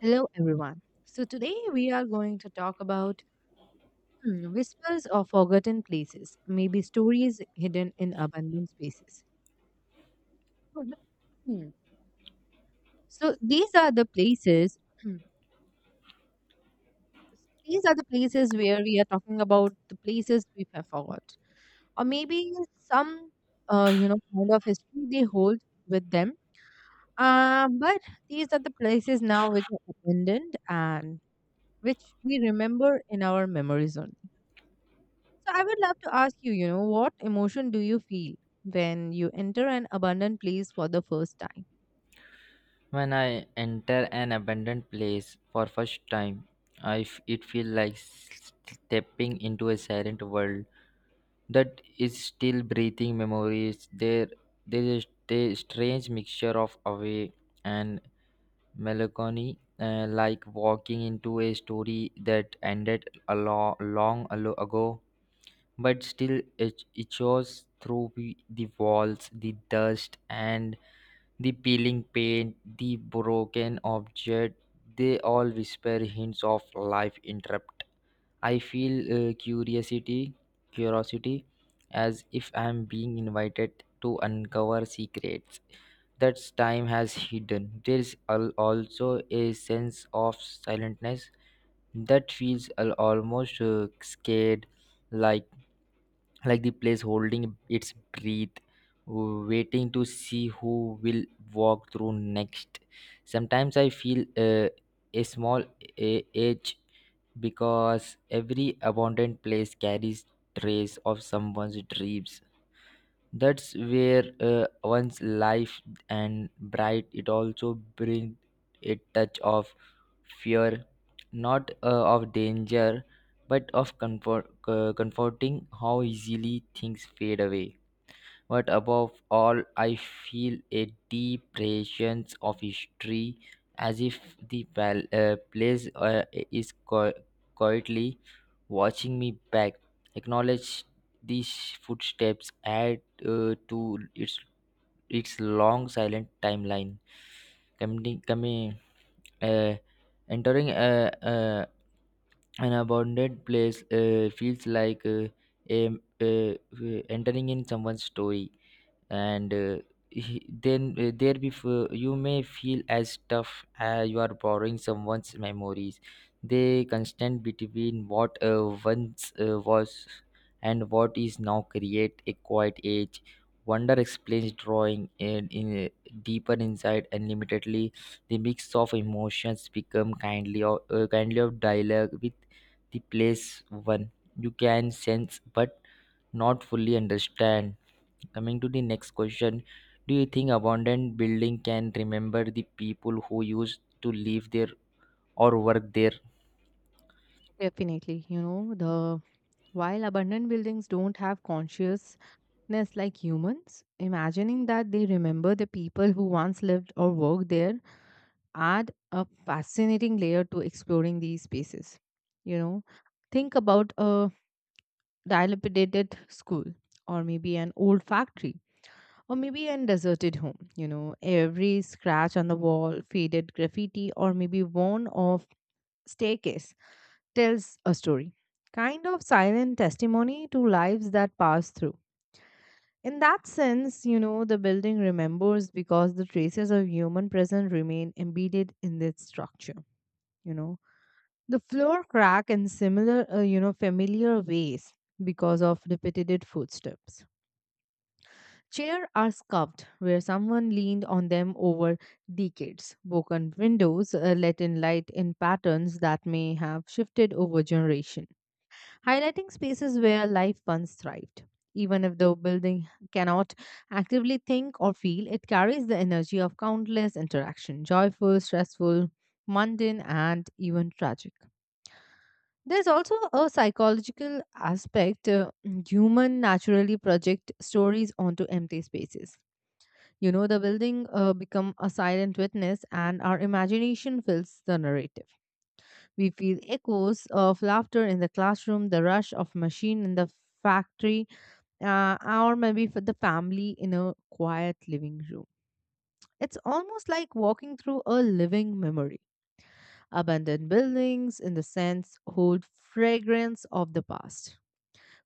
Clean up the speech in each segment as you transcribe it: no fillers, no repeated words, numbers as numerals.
Hello, everyone. So, today we are going to talk about whispers or forgotten places, maybe stories hidden in abandoned spaces. So, the- hmm, so these are the places. hmm, These are the places where we are talking about the places we have forgot, or maybe some, you know, kind of history they hold with them. But these are the places now which are abandoned and which we remember in our memories only. So I would love to ask you, you know, what emotion do you feel when you enter an abandoned place for the first time? When I enter an abandoned place for first time, it feels like stepping into a silent world that is still breathing memories. There is a strange mixture of awe and melancholy, like walking into a story that ended a long ago, but still it shows through the walls, the dust, and the peeling paint, the broken object. They all whisper hints of life interrupt. I feel uh, curiosity curiosity, as if I am being invited to uncover secrets that time has hidden. There is also a sense of silentness that feels almost scared, like like the place holding its breath, waiting to see who will walk through next. Sometimes I feel uh, a small edge because every abandoned place carries trace of someone's dreams. That's where one's life and bright. It also brings a touch of fear, not of danger, but of comfort, comforting how easily things fade away. But above all, I feel a deep presence of history, as if the place is quietly watching me back. Acknowledge these footsteps add to its its long silent timeline. Coming, coming, uh, entering an abandoned place feels like a, uh, entering in someone's story, and then there before you may feel as tough as you are borrowing someone's memories. They constant between what once was and what is now create a quiet age wonder explains drawing in deeper inside unlimitedly. The mix of emotions become kindly or kindly of dialogue with the place one you can sense but not fully understand. Coming to the next question, do you think abandoned building can remember the people who used to live there or work there? Definitely, you know, the while abandoned buildings don't have consciousness like humans, imagining that they remember the people who once lived or worked there add a fascinating layer to exploring these spaces. You know, think about a dilapidated school, or maybe an old factory, or maybe an deserted home. You know, every scratch on the wall, faded graffiti, or maybe worn off staircase tells a story. Kind of silent testimony to lives that pass through. In that sense, you know, the building remembers because the traces of human presence remain embedded in its structure, you know. The floor crack in you know, familiar ways because of repeated footsteps. Chairs are scuffed where someone leaned on them over decades. Broken windows let in light in patterns that may have shifted over generation, highlighting spaces where life once thrived. Even if the building cannot actively think or feel, it carries the energy of countless interaction, joyful, stressful, mundane, and even tragic. There's also a psychological aspect. Human naturally project stories onto empty spaces. You know, the building become a silent witness, and our imagination fills the narrative. We feel echoes of laughter in the classroom, the rush of machine in the factory, or maybe for the family in a quiet living room. It's almost like walking through a living memory. Abandoned buildings, in the sense, hold fragrance of the past,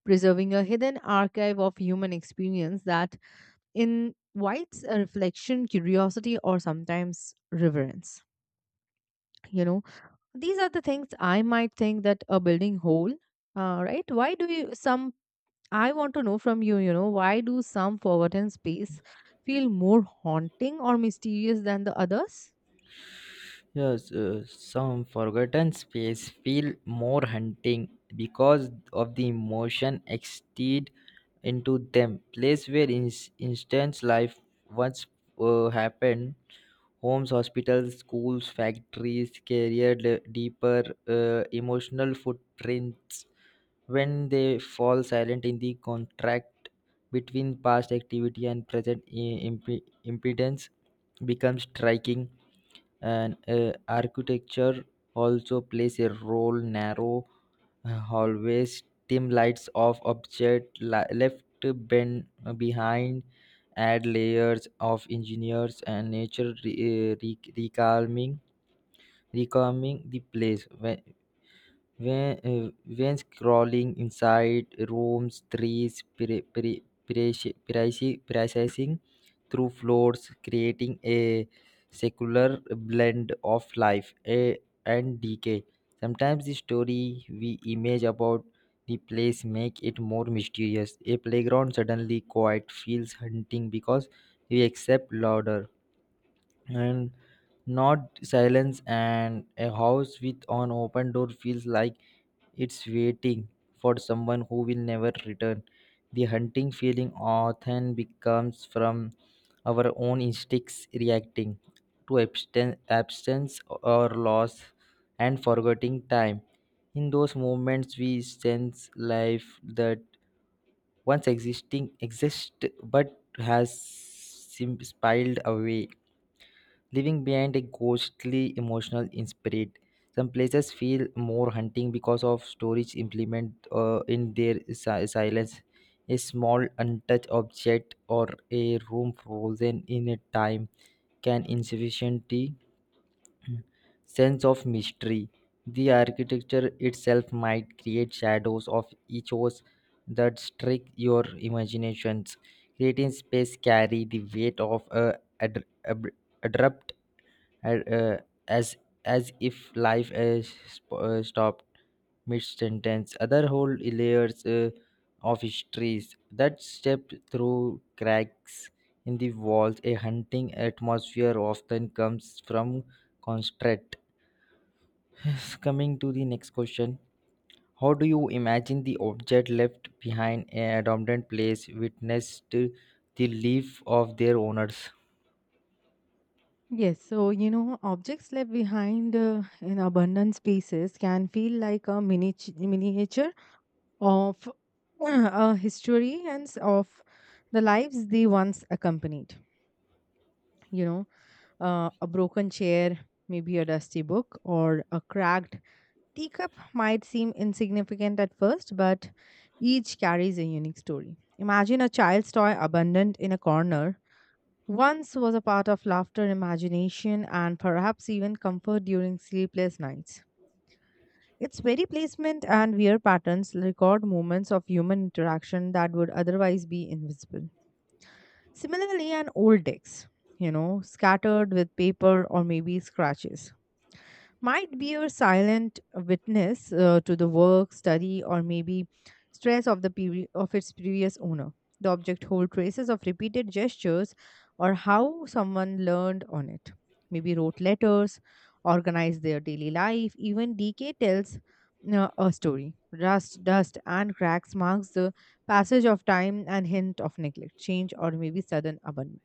preserving a hidden archive of human experience that invites a reflection, curiosity, or sometimes reverence. You know, these are the things I might think that a building whole, right? Why do you some? I want to know from you. You know, why do some forgotten space feel more haunting or mysterious than the others? Yes, some forgotten space feel more hunting because of the emotion extended into them. Place where instance life once happened, homes, hospitals, schools, factories, career deeper emotional footprints when they fall silent in the contract between past activity and present impedance becomes striking, and architecture also plays a role. Narrow hallways, dim lights of object left bent behind add layers of engineers, and nature recalming the place. When scrolling inside rooms, trees, processing through floors, creating a secular blend of life, and decay. Sometimes the story we image about the place make it more mysterious. A playground suddenly quiet feels hunting because we accept louder and not silence, and a house with an open door feels like it's waiting for someone who will never return. The hunting feeling often becomes from our own instincts reacting to absence or loss, and forgetting time. In those moments we sense life that once existing exists but has spiled away, leaving behind a ghostly emotional in spirit. Some places feel more hunting because of storage implement in their silence. A small untouched object or a room frozen in a time can insufficiently sense of mystery. The architecture itself might create shadows of echoes that strike your imaginations. Creating space carry the weight of a ad- ab- abrupt and, as as if life has stopped mid sentence. Other whole layers of histories that stepped through cracks in the walls. A hunting atmosphere often comes from constraint. Coming to the next question. How do you imagine the object left behind a abandoned place witnessed the leave of their owners? Yes, so you know, objects left behind in abundant spaces can feel like a miniature of a history and of the lives they once accompanied. You know, a broken chair, maybe a dusty book, or a cracked teacup might seem insignificant at first, but each carries a unique story. Imagine a child's toy abandoned in a corner. Once was a part of laughter, imagination, and perhaps even comfort during sleepless nights. Its very placement and wear patterns record moments of human interaction that would otherwise be invisible. Similarly, an old text, you know, scattered with paper or maybe scratches might be a silent witness to the work, study, or maybe stress of the of its previous owner. The object holds traces of repeated gestures or how someone learned on it. Maybe wrote letters, organized their daily life. Even decay tells a story. Rust, dust, and cracks marks the passage of time and hint of neglect, change, or maybe sudden abandonment.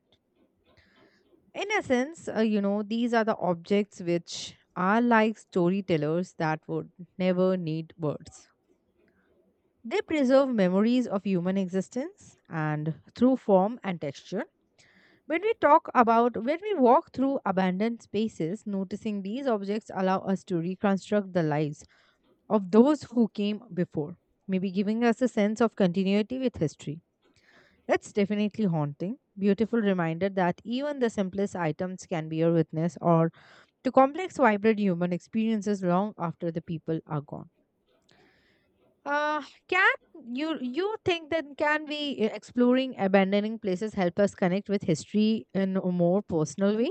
In essence, you know, these are the objects which are like storytellers that would never need words. They preserve memories of human existence and through form and texture. When we walk through abandoned spaces, noticing these objects allow us to reconstruct the lives of those who came before, maybe giving us a sense of continuity with history. It's definitely haunting, beautiful reminder that even the simplest items can be a witness or to complex, vibrant human experiences long after the people are gone. Uh, can you think that can we exploring abandoning places help us connect with history in a more personal way?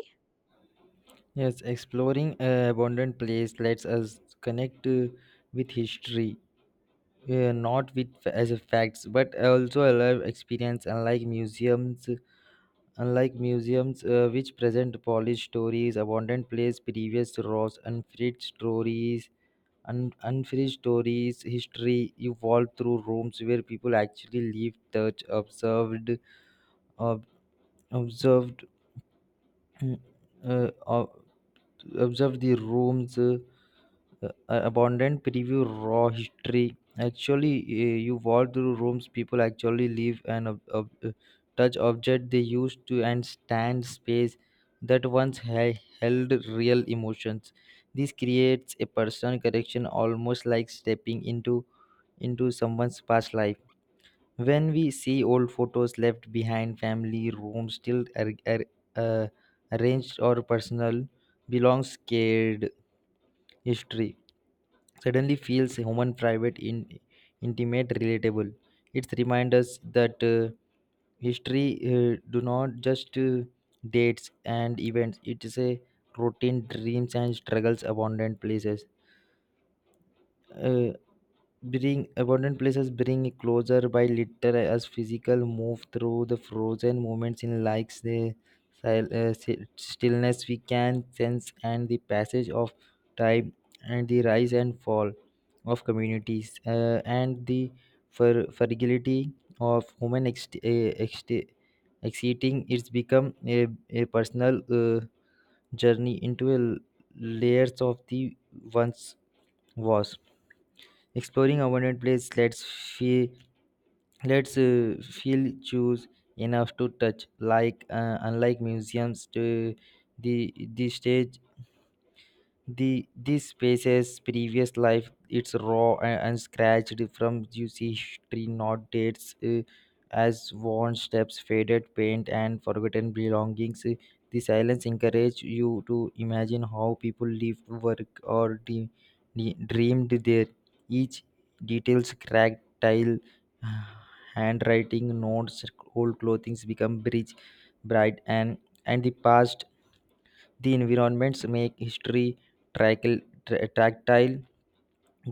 Yes, exploring a abandoned place lets us connect with history, not with as a facts, but also a live experience. Unlike museums, which present polished stories, abandoned place, previous rows, unfinished stories, unfinished stories, history evolved through rooms where people actually lived, touch, observed, ob- observed, uh, ob- observed the rooms. Abundant preview raw history actually you walk through rooms people actually live and touch object they used to and stand space that once held real emotions. This creates a personal connection, almost like stepping into someone's past life. When we see old photos left behind, family rooms still uh, arranged or personal belongs scared history suddenly feels human, private, intimate, relatable. It reminds us that history do not just dates and events. It is a routine, dreams and struggles, abundant places. Uh, Bring abundant places bring it closer by little as physical move through the frozen moments in likes the stillness we can sense and the passage of time, and the rise and fall of communities, and the fragility of human exceeding. It's become a personal, journey into layers of the once was. Exploring abandoned places lets feel choose enough to touch. Like unlike museums. To the stage, the this spaces previous life, it's raw and scratched from juicy history, not dates as worn steps, faded paint, and forgotten belongings. The silence encourage you to imagine how people lived work or dreamed there. Each details cracked tile handwriting notes old clothings become bridge bright and the past. The environments make history tactile,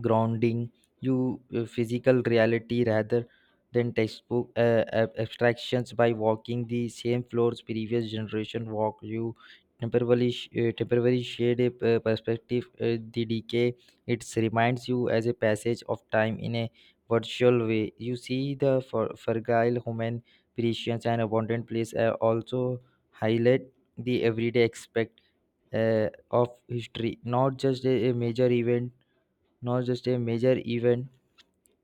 grounding you physical reality rather than textbook abstractions. By walking the same floors previous generation walk, you temporarily shade a perspective. The decay it reminds you as a passage of time in a virtual way. You see the fragile human precious, and abundant place also highlight the everyday aspect of history, not just a major event, not just a major event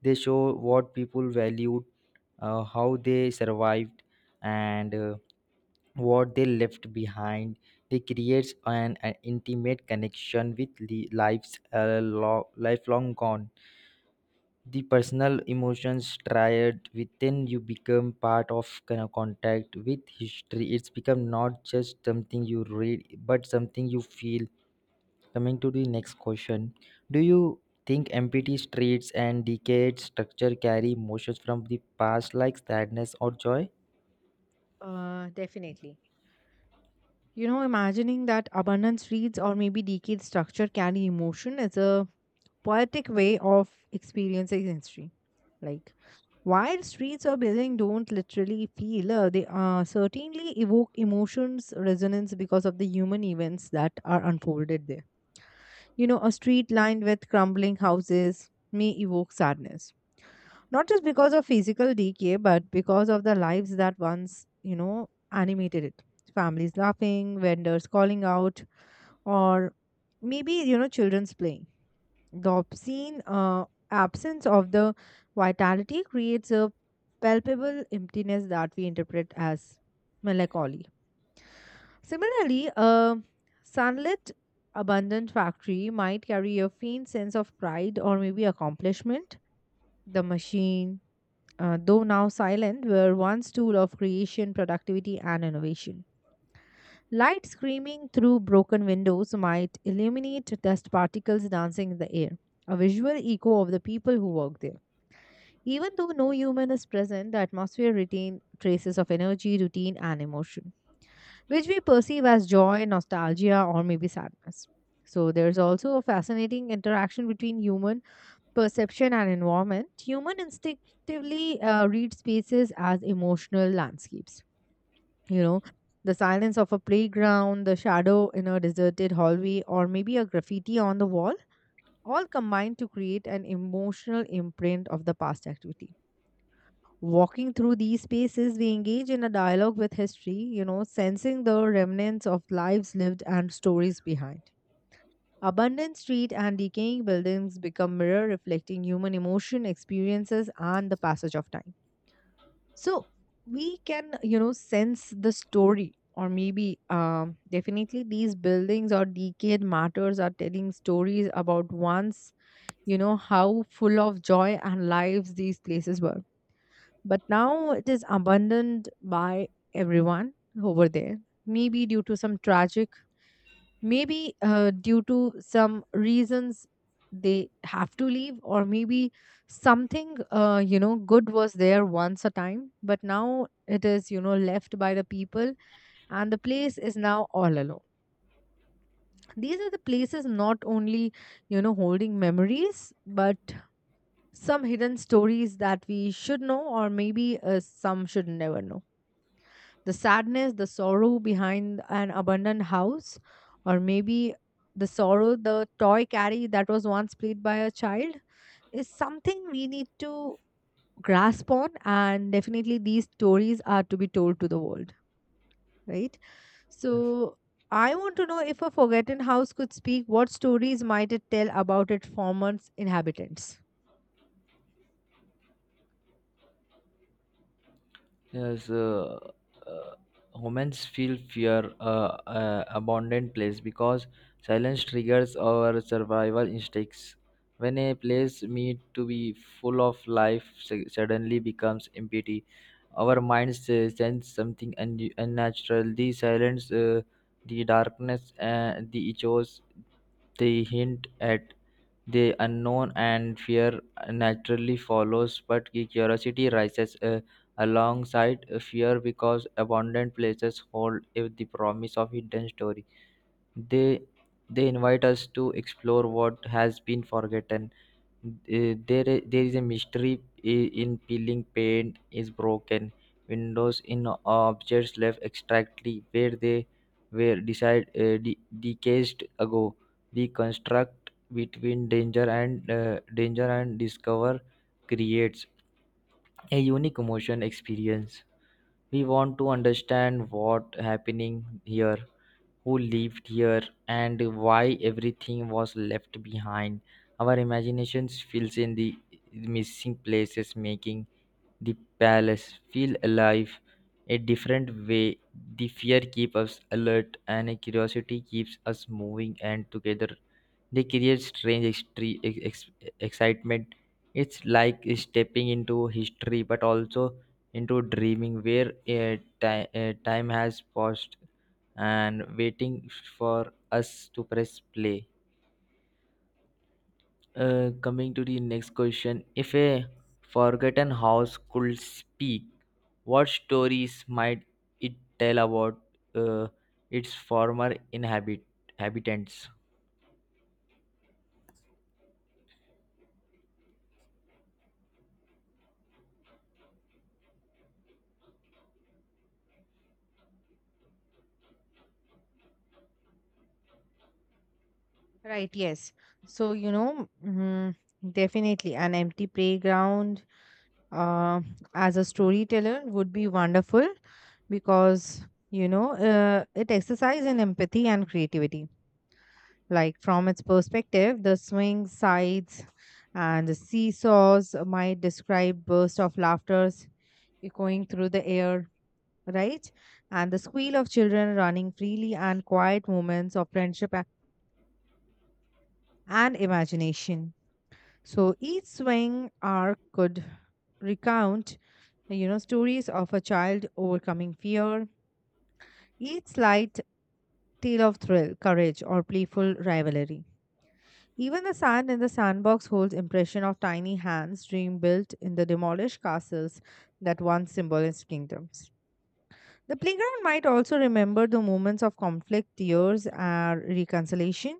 they show what people valued, how they survived, and what they left behind. They creates an intimate connection with lives, lifelong gone. The personal emotions triad within you become part of kind of contact with history. It's become not just something you read, but something you feel. Coming to the next question, do you think empty streets and decayed structure carry emotions from the past like sadness or joy? Definitely. You know, imagining that abandoned streets or maybe decayed structure carry emotion is a poetic way of experiencing history. Like, while streets of Beijing don't literally feel, they certainly evoke emotions resonance because of the human events that are unfolded there. You know, a street lined with crumbling houses may evoke sadness, not just because of physical decay, but because of the lives that once, you know, animated it. Families laughing, vendors calling out, or maybe, you know, children's playing the obscene absence of the vitality creates a palpable emptiness that we interpret as melancholy. Similarly, a sunlit, abundant factory might carry a faint sense of pride or maybe accomplishment. The machine, though now silent, were once tool of creation, productivity, and innovation. Light screaming through broken windows might illuminate dust particles dancing in the air, a visual echo of the people who work there. Even though no human is present, the atmosphere retains traces of energy, routine, and emotion, which we perceive as joy, nostalgia, or maybe sadness. So, there's also a fascinating interaction between human perception and environment. Human instinctively read spaces as emotional landscapes, you know, the silence of a playground, the shadow in a deserted hallway, or maybe a graffiti on the wall all combine to create an emotional imprint of the past activity. Walking through these spaces, we engage in a dialogue with history, you know, sensing the remnants of lives lived and stories behind. Abandoned street and decaying buildings become mirror reflecting human emotion experiences and the passage of time. So we can, you know, sense the story, or maybe definitely these buildings or decayed matters are telling stories about once, you know, how full of joy and lives these places were, but now it is abandoned by everyone over there, maybe due to some tragic, maybe due to some reasons they have to leave, or maybe something you know good was there once a time, but now it is, you know, left by the people, and the place is now all alone. These are the places not only, you know, holding memories but some hidden stories that we should know, or maybe some should never know. The sadness, the sorrow behind an abandoned house, or maybe the sorrow the toy carry that was once played by a child is something we need to grasp on, and definitely these stories are to be told to the world, right? So I want to know, if a forgotten house could speak, what stories might it tell about its former inhabitants? Yes, uh, humans feel fear, abandoned place because silence triggers our survival instincts. When a place meant to be full of life suddenly becomes empty, our minds sense something unnatural. The silence, the darkness, the echoes, they hint at the unknown, and fear naturally follows, but the curiosity rises alongside fear because abandoned places hold the promise of hidden story. They they invite us to explore what has been forgotten. There is a mystery in peeling paint, is broken windows, in objects left exactly where they were decades ago. The construct between danger and discover creates a unique emotion experience. We want to understand what happening here, who lived here, and why everything was left behind. Our imaginations fills in the missing places, making the palace feel alive a different way. The fear keeps us alert and curiosity keeps us moving and together. They create strange excitement. It's like stepping into history, but also into dreaming where time has paused and waiting for us to press play. Coming to the next question. If a forgotten house could speak, what stories might it tell about uh, its former inhabitants? Right, yes. So, you know, definitely an empty playground uh, as a storyteller would be wonderful because, you know, it exercises in empathy and creativity. Like from its perspective, the swing sides and the seesaws might describe bursts of laughter echoing through the air, right? And the squeal of children running freely and quiet moments of friendship and imagination. So each swing arc could recount, you know, stories of a child overcoming fear, each slight tale of thrill, courage, or playful rivalry. Even the sand in the sandbox holds impression of tiny hands dream built in the demolished castles that once symbolized kingdoms. The playground might also remember the moments of conflict, tears, and reconciliation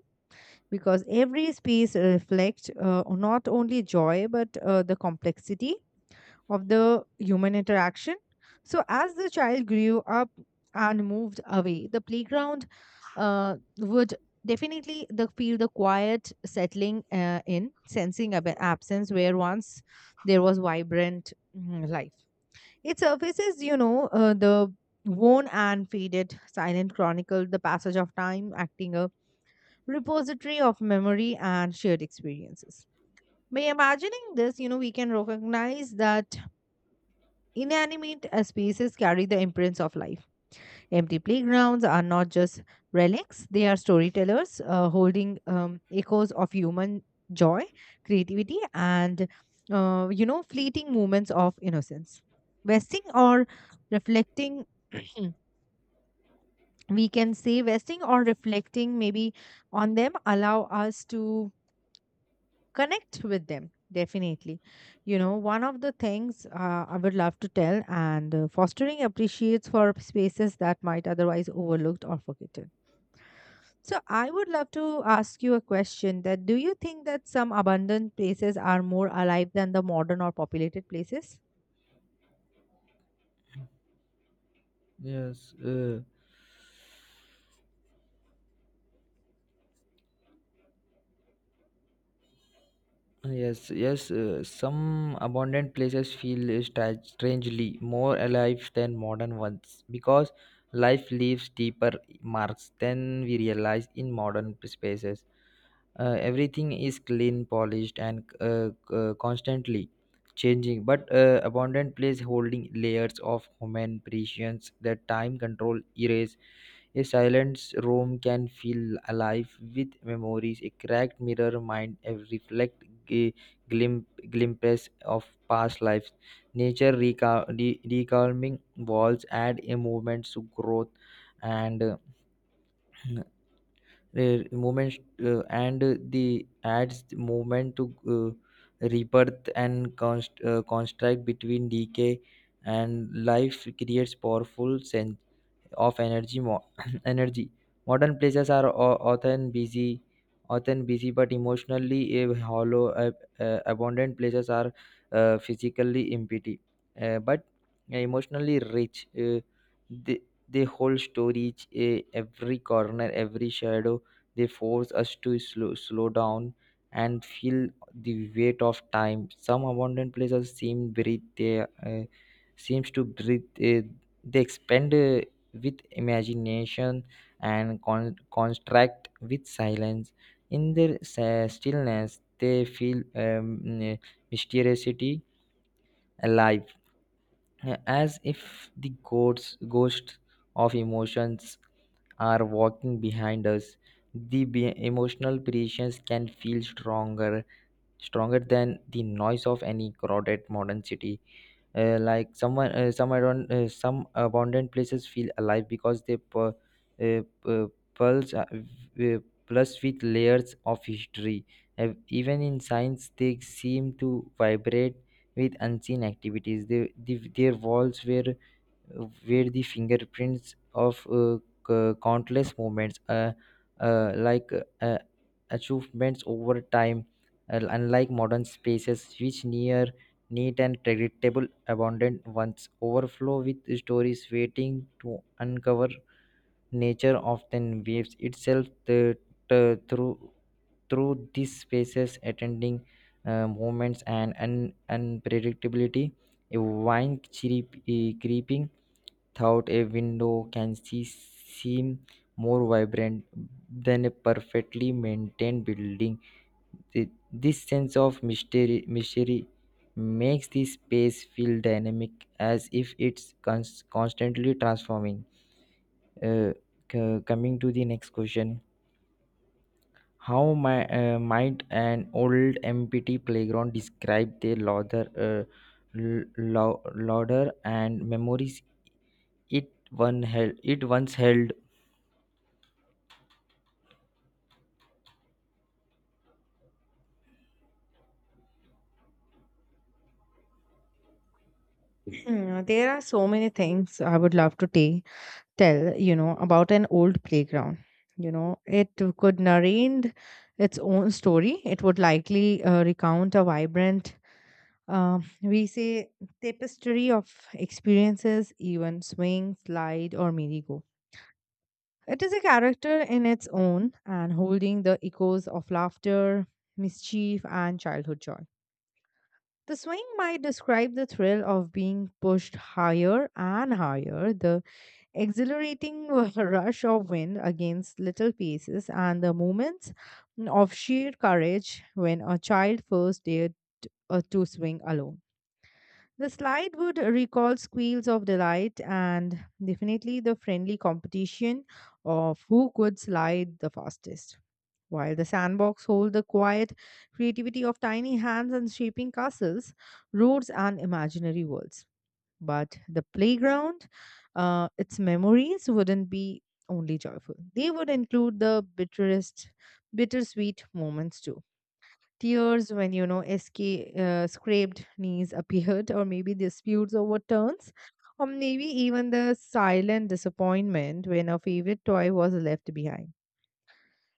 because every space reflects not only joy but the complexity of the human interaction. So, as the child grew up and moved away, the playground would definitely feel the quiet settling in, sensing absence where once there was vibrant life. It surfaces, you know, the worn and faded silent chronicle, the passage of time, acting a repository of memory and shared experiences. By imagining this, you know, we can recognize that inanimate spaces carry the imprints of life. Empty playgrounds are not just relics, they are storytellers holding echoes of human joy, creativity, and you know, fleeting moments of innocence. Vesting or reflecting, we can say, vesting or reflecting maybe on them allow us to connect with them. Definitely, you know, one of the things I would love to tell, and fostering appreciates for spaces that might otherwise overlooked or forgotten. So I would love to ask you a question, that do you think that some abandoned places are more alive than the modern or populated places? Yes, yes, yes. Some abandoned places feel strangely more alive than modern ones because life leaves deeper marks than we realize in modern spaces. Everything is clean polished, and constantly changing, but abundant place holding layers of human prescience that time control erase. A silent room can feel alive with memories. A cracked mirror mind reflect glimpses of past lives. Nature recalming walls add a movement to growth, and movement, and the adds movement to rebirth, and construct between decay and life creates powerful sense of energy energy. Modern places are often busy but emotionally hollow. Abundant places are physically empty, but emotionally rich. They, they hold storage, every corner, every shadow. They force us to slow down and feel the weight of time. Some abundant places seem breathe, they seems to breathe, they expand with imagination and contract with silence. In their stillness, they feel mysteriousity alive, as if the ghosts of emotions are walking behind us. The emotional precisions can feel stronger than the noise of any crowded modern city. Like someone some around some abundant places feel alive because they pulse uh, plus with layers of history. Even in science they seem to vibrate with unseen activities. They, the Their walls were where the fingerprints of countless moments, like uh, achievements over time, unlike modern spaces which near neat and predictable, abundant ones overflow with stories waiting to uncover. Nature often waves itself the- through through these spaces, attending movements and unpredictability. A vine creeping without a window can seem more vibrant than a perfectly maintained building. This sense of mystery makes the space feel dynamic, as if it's constantly transforming. Uh, coming to the next question. How might an old empty playground describe the l- lou- louder and memories it once held? Hmm, there are so many things I would love to tell, you know, about an old playground. You know, it could narrate its own story. It would likely recount a vibrant, we say, tapestry of experiences, even swing, slide, or merry-go. It is a character in its own and holding the echoes of laughter, mischief, and childhood joy. The swing might describe the thrill of being pushed higher and higher, the exhilarating rush of wind against little paces, and the moments of sheer courage when a child first dared to swing alone. The slide would recall squeals of delight and definitely the friendly competition of who could slide the fastest. While the sandbox hold the quiet creativity of tiny hands and shaping castles, roads, and imaginary worlds. But the playground, its memories wouldn't be only joyful. They would include the bittersweet moments too. Tears when, you know, scraped knees appeared, or maybe disputes over turns, or maybe even the silent disappointment when a favorite toy was left behind.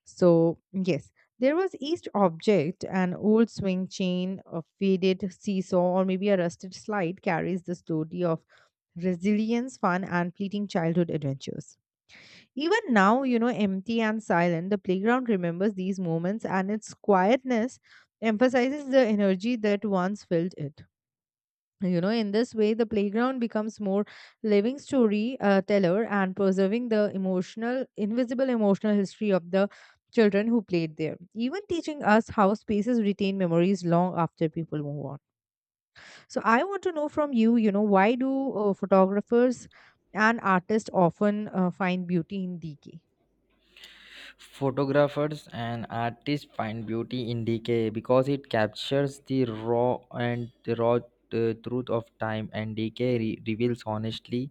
So, yes, there was each object an old swing chain, a faded seesaw, or maybe a rusted slide carries the story of resilience, fun, and fleeting childhood adventures. Even now, you know, empty and silent, the playground remembers these moments, and its quietness emphasizes the energy that once filled it. You know, in this way, the playground becomes more living story teller and preserving the emotional, invisible emotional history of the children who played there, even teaching us how spaces retain memories long after people move on. So, I want to know from you, you know, why do photographers and artists often find beauty in decay? Photographers and artists find beauty in decay because it captures the raw truth of time, and decay reveals honestly.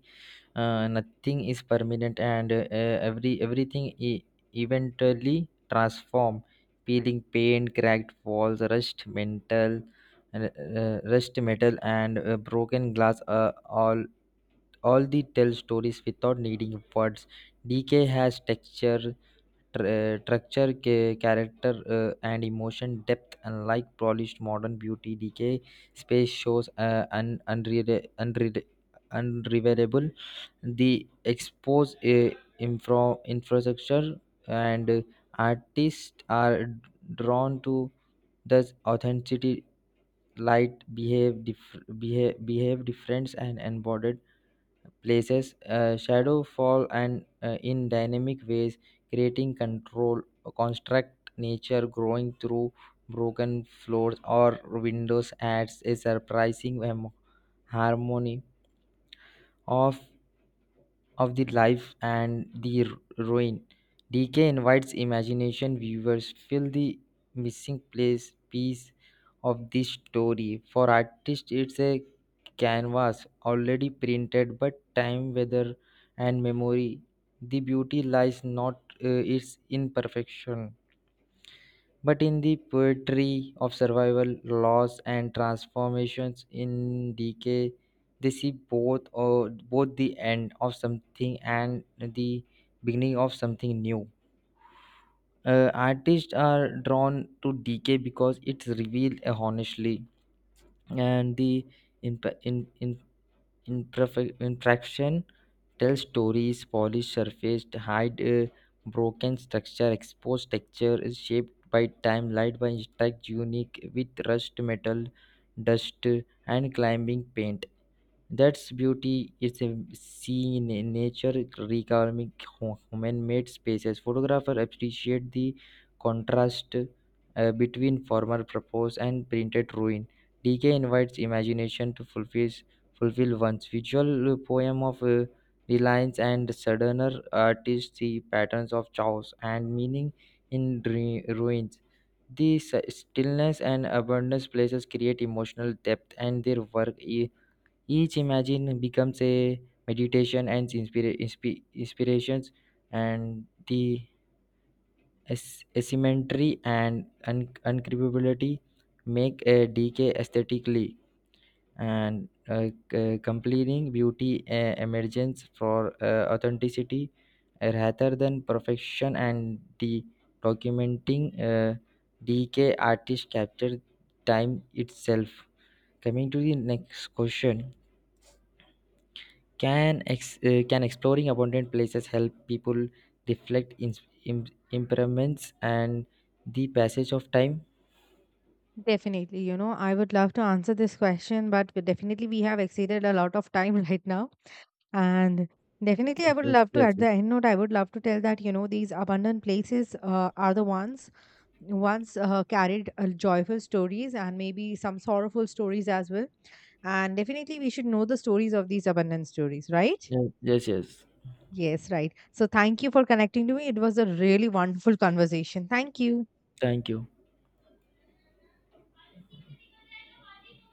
Nothing is permanent, and everything eventually transform. Peeling paint, cracked walls, rust metal, and broken glass, all the tell stories without needing words. Decay has texture. Structure, character, and emotion depth, unlike polished modern beauty, decay space shows an unreverable. The exposed infrastructure, and artists are drawn to this authenticity. Light behave difference and embodied places, shadow fall and in dynamic ways creating control construct, nature growing through broken floors or windows adds a surprising harmony of of the life and the ruin. DK invites imagination viewers fill the missing place piece of this story. For artists, it's a canvas already printed, but time, weather, and memory. The beauty lies not its imperfection but in the poetry of survival, loss, and transformations. In decay, they see both the end of something and the beginning of something new. Artists are drawn to decay because it reveals honestly, and the imp- in, imperfect imperfection tell stories. Polished surface hide broken structure. Exposed texture is shaped by time, light by impact, unique with rust metal, dust, and climbing paint. That's beauty is a seen in nature recalming human-made spaces. Photographers appreciate the contrast between former purpose and printed ruin. Decay invites imagination to fulfill one's visual poem of reliance and sojourner. Artists see patterns of chaos and meaning in ruins. The stillness and abundance places create emotional depth, and their work each imagine becomes a meditation and inspirations, and the asymmetry and uncreepability make a decay aesthetically and completing beauty emergence for authenticity rather than perfection, and the documenting decay artist capture time itself. Coming to the next question. Can exploring abundant places help people reflect in, impairments and the passage of time? Definitely, you know, I would love to answer this question, but definitely we have exceeded a lot of time right now. And definitely, Yes, I would yes, love to, yes, at yes, the end note, I would love to tell that, you know, these abundant places are the ones, once carried joyful stories and maybe some sorrowful stories as well. And definitely, we should know the stories of these abundant stories, right? yes, yes. Yes. Yes, right. So, thank you for connecting to me. It was a really wonderful conversation. Thank you. Thank you.